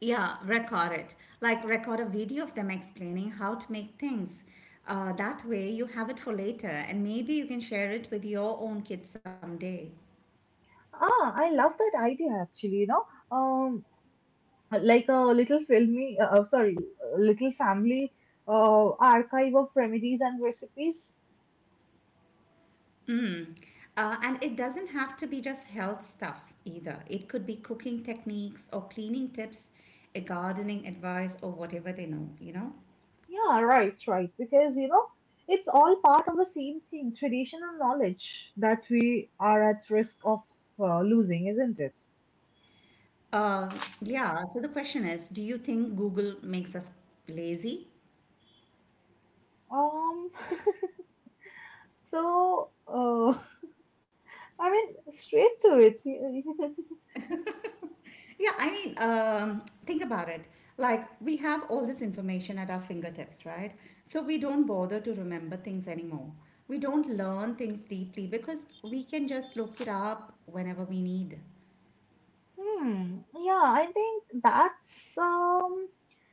Yeah, record it. Like, record a video of them explaining how to make things. That way you have it for later and maybe you can share it with your own kids someday.
Ah, I love that idea actually, you know. Um, like a little family archive of remedies and recipes.
Mm. And it doesn't have to be just health stuff either. It could be cooking techniques or cleaning tips, a gardening advice or whatever they know, you know?
Yeah, right, right. Because, you know, it's all part of the same thing, tradition and knowledge that we are at risk of losing, isn't it?
Yeah, so the question is, do you think Google makes us lazy?
Um, so, uh, I mean, straight to it.
Yeah, I mean, think about it. Like, we have all this information at our fingertips, right? So we don't bother to remember things anymore. We don't learn things deeply because we can just look it up whenever we need.
Hmm. Yeah, I think that's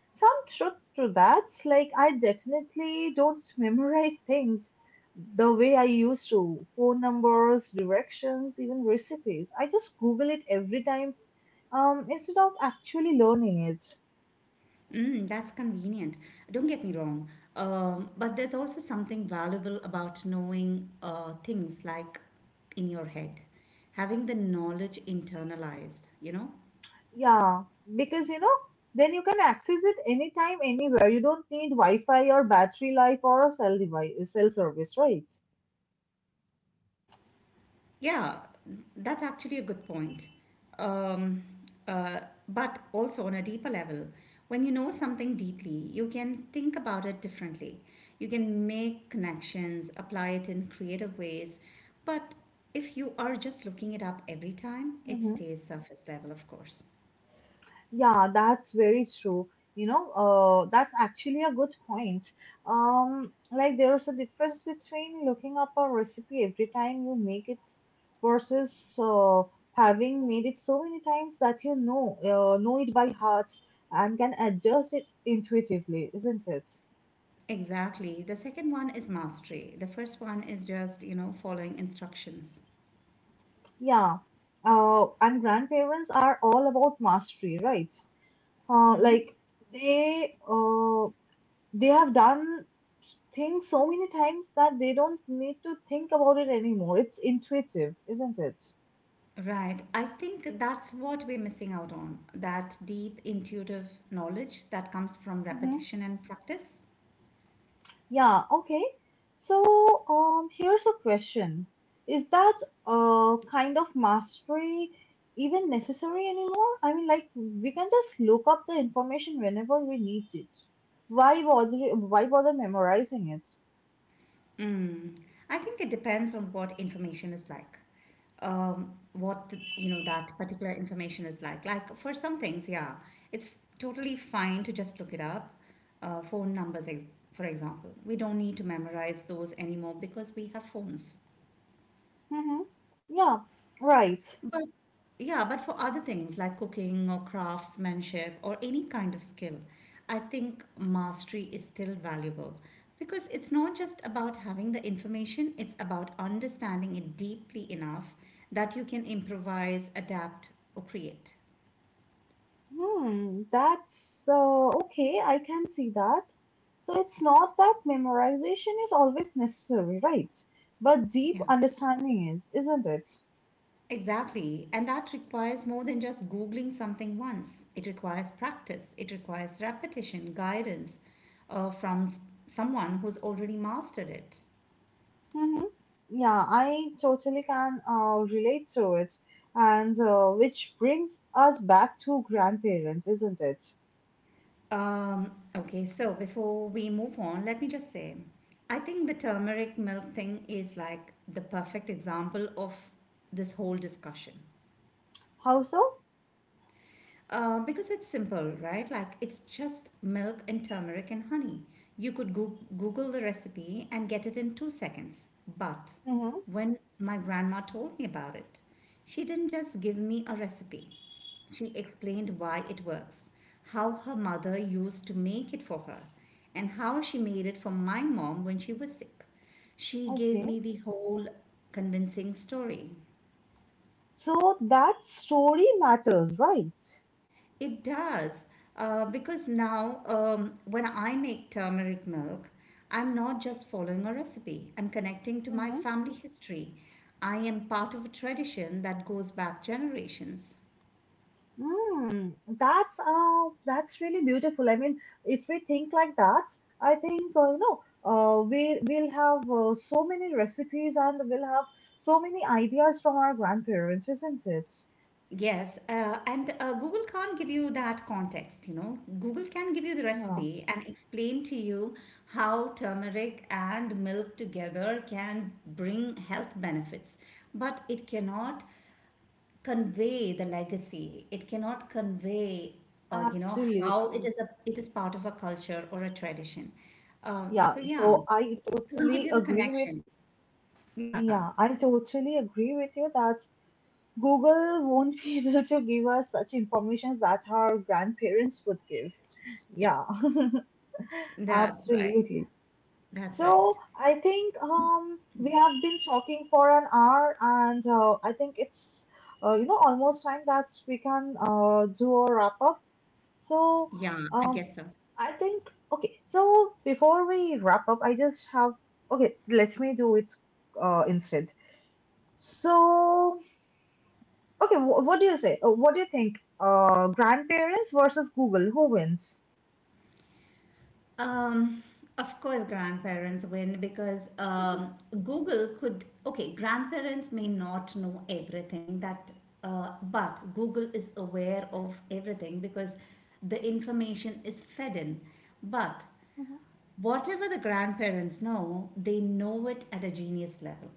some truth to that. Like, I definitely don't memorize things the way I used to. Phone numbers, directions, even recipes. I just Google it every time, instead of actually learning it.
Mm, that's convenient. Don't get me wrong. But there's also something valuable about knowing things like in your head, having the knowledge internalized, you know?
Yeah, because you know, then you can access it anytime, anywhere. You don't need Wi-Fi or battery life or a cell device, cell service, right?
Yeah, that's actually a good point. Um, uh, but also on a deeper level, when you know something deeply, you can think about it differently. You can make connections, apply it in creative ways. But if you are just looking it up every time, it
Mhm.
stays surface level, of course.
Yeah, that's very true. You know, that's actually a good point. Like there's a difference between looking up a recipe every time you make it versus having made it so many times that know it by heart and can adjust it intuitively, isn't it?
Exactly. The second one is mastery. The first one is just, following instructions.
Yeah. And grandparents are all about mastery, right?
Mm-hmm.
Like they uh, they have done things so many times that they don't need to think about it anymore. It's intuitive, isn't it?
Right. I think that's what we're missing out on, that deep intuitive knowledge that comes from
Mm-hmm.
repetition and practice.
Yeah, okay. So, here's a question. Is that kind of mastery even necessary anymore? I mean, like we can just look up the information whenever we need it. Why bother memorizing it?
Mm. I think it depends on what information is like. What the, you know that particular information is like. Like, for some things, yeah, it's totally fine to just look it up. Phone numbers, for example, we don't need to memorize those anymore because we have phones.
Mm-hmm. Yeah, right.
But yeah, but for other things like cooking or craftsmanship or any kind of skill, I think mastery is still valuable because it's not just about having the information, it's about understanding it deeply enough that you can improvise, adapt, or create.
Hmm, that's okay. I can see that. So it's not that memorization is always necessary, right? But deep
Yeah,
understanding is, isn't it?
exactly. And that requires more than just Googling something once. It requires practice, it requires repetition, guidance from someone who's already mastered it.
Mm-hmm. Yeah, I totally can relate to it. And which brings us back to grandparents, isn't it?
Okay, so before we move on, let me just say, I think the turmeric milk thing is like the perfect example of this whole discussion.
How so?
Because it's simple, right? Like, it's just milk and turmeric and honey. You could go Google the recipe and get it in 2 seconds. But
Mm-hmm.
when my grandma told me about it, she didn't just give me a recipe. She explained why it works, how her mother used to make it for her, and how she made it for my mom when she was sick. She gave
Okay.
me the whole convincing story.
So that story matters, right?
It does. Because now, when I make turmeric milk, I'm not just following a recipe, I'm connecting to my
Mm-hmm.
family history. I am part of a tradition that goes back generations.
Mm, that's really beautiful. I mean, if we think like that, I think we'll have so many recipes and we'll have so many ideas from our grandparents, isn't it?
Yes, and Google can't give you that context. Google can give you the
Yeah,
recipe and explain to you how turmeric and milk together can bring health benefits, but it cannot convey the legacy. It cannot convey, how it
absolutely.
is a it is part of a culture or a tradition.
Yeah,
So yeah,
so I
it can't give
totally
you the
agree with
connection. Yeah,
yeah, I totally agree with you that Google won't be able to give us such informations that our grandparents would give. Yeah,
that's right.
absolutely.
That's
So
right.
I think we have been talking for an hour, and I think it's you know almost time that we can do a wrap up. So
Yeah, I
um
guess so.
I think Okay. So before we wrap up, I just have Okay. Let me do it instead. So okay, what do you say? What do you think? Grandparents versus Google, who wins?
Um, of course, grandparents win because Google could. Okay, grandparents may not know everything but Google is aware of everything because the information is fed in. But
Mhm.
whatever the grandparents know, they know it at a genius level.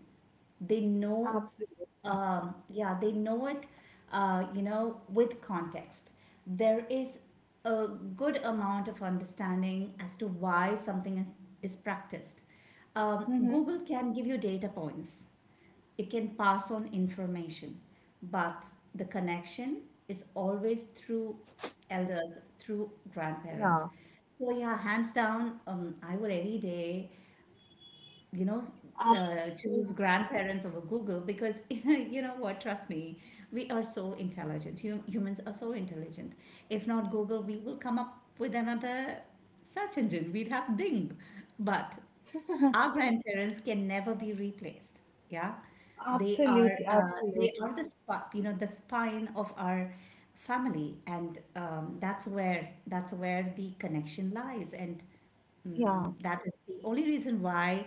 They know,
Absolutely.
yeah, they know it, with context. There is a good amount of understanding as to why something is practiced.
Mhm.
Google can give you data points, it can pass on information, but the connection is always through elders, through grandparents.
Yeah,
So yeah, hands down, I would any day, you know, choose
absolutely.
grandparents over Google because you know what? Trust me, we are so intelligent. Hum- humans are so intelligent. If not Google, we will come up with another search engine. We'd have Bing, but our grandparents can never be replaced. Yeah, they are
Absolutely,
uh, they are
absolutely.
the the spine of our family, and that's where the connection lies, and
Yeah,
that is the only reason why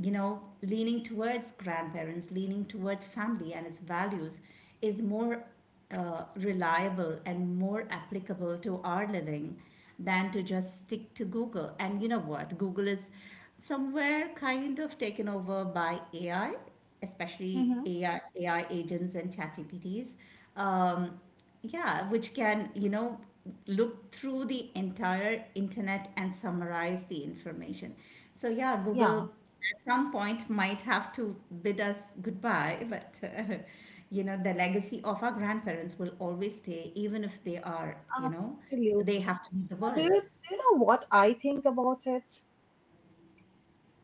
leaning towards grandparents, leaning towards family and its values is more reliable and more applicable to our living than to just stick to Google. And you know what? Google is somewhere kind of taken over by AI, especially
hmm
AI, AI agents and chat GPTs. Um, yeah, which can, look through the entire internet and summarize the information. So, yeah, Google
yeah,
at some point might have to bid us goodbye, but, the legacy of our grandparents will always stay, even if they are,
absolutely.
they have to meet the
Do you,
world.
do you know what I think about it?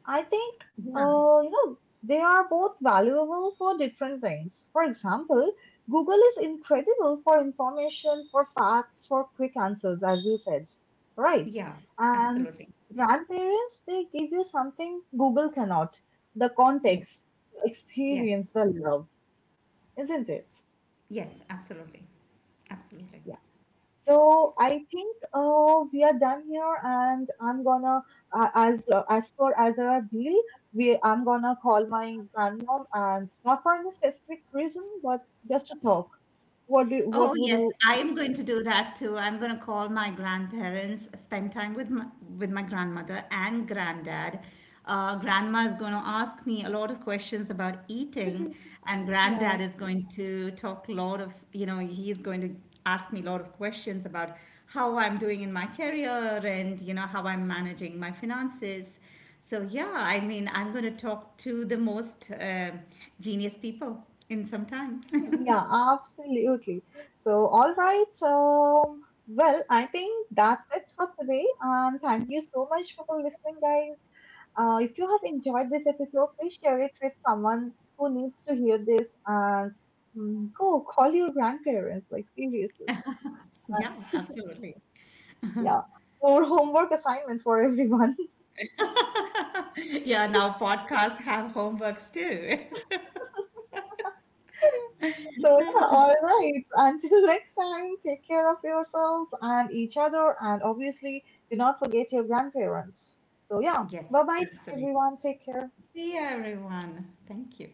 I think,
Yeah,
you know, they are both valuable for different things. For example, Google is incredible for information, for facts, for quick answers, as you said, right?
yeah,
And
absolutely.
grandparents, they give you something Google cannot: the
Yes,
context, the
yes,
experience, the love, isn't it?
yes, absolutely. Absolutely.
Yeah. So I think we are done here, and I'm gonna as per as our deal, we I'm gonna call my grandmom, and not for any specific reason, but just to talk. What
Oh,
would
yes,
you?
I am going to do that too. I'm going to call my grandparents, spend time with my, grandmother and granddad. Grandma is going to ask me a lot of questions about eating, and
Yeah,
granddad is going to talk a lot of, you know, he's going to ask me a lot of questions about how I'm doing in my career and, how I'm managing my finances. So, yeah, I mean, I'm going to talk to the most genius people in some time.
yeah, absolutely. So all right. So well, I think that's it for today, and thank you so much for listening, guys. If you have enjoyed this episode, please share it with someone who needs to hear this and go call your grandparents. Like, seriously.
Yeah, absolutely.
Yeah. Or homework assignment for everyone.
Yeah, now podcasts have homeworks too.
So, yeah, all right. Until next time, take care of yourselves and each other. And obviously, do not forget your grandparents. So, yeah,
Yes,
bye bye,
absolutely.
everyone. Take care.
See you, everyone. Thank you.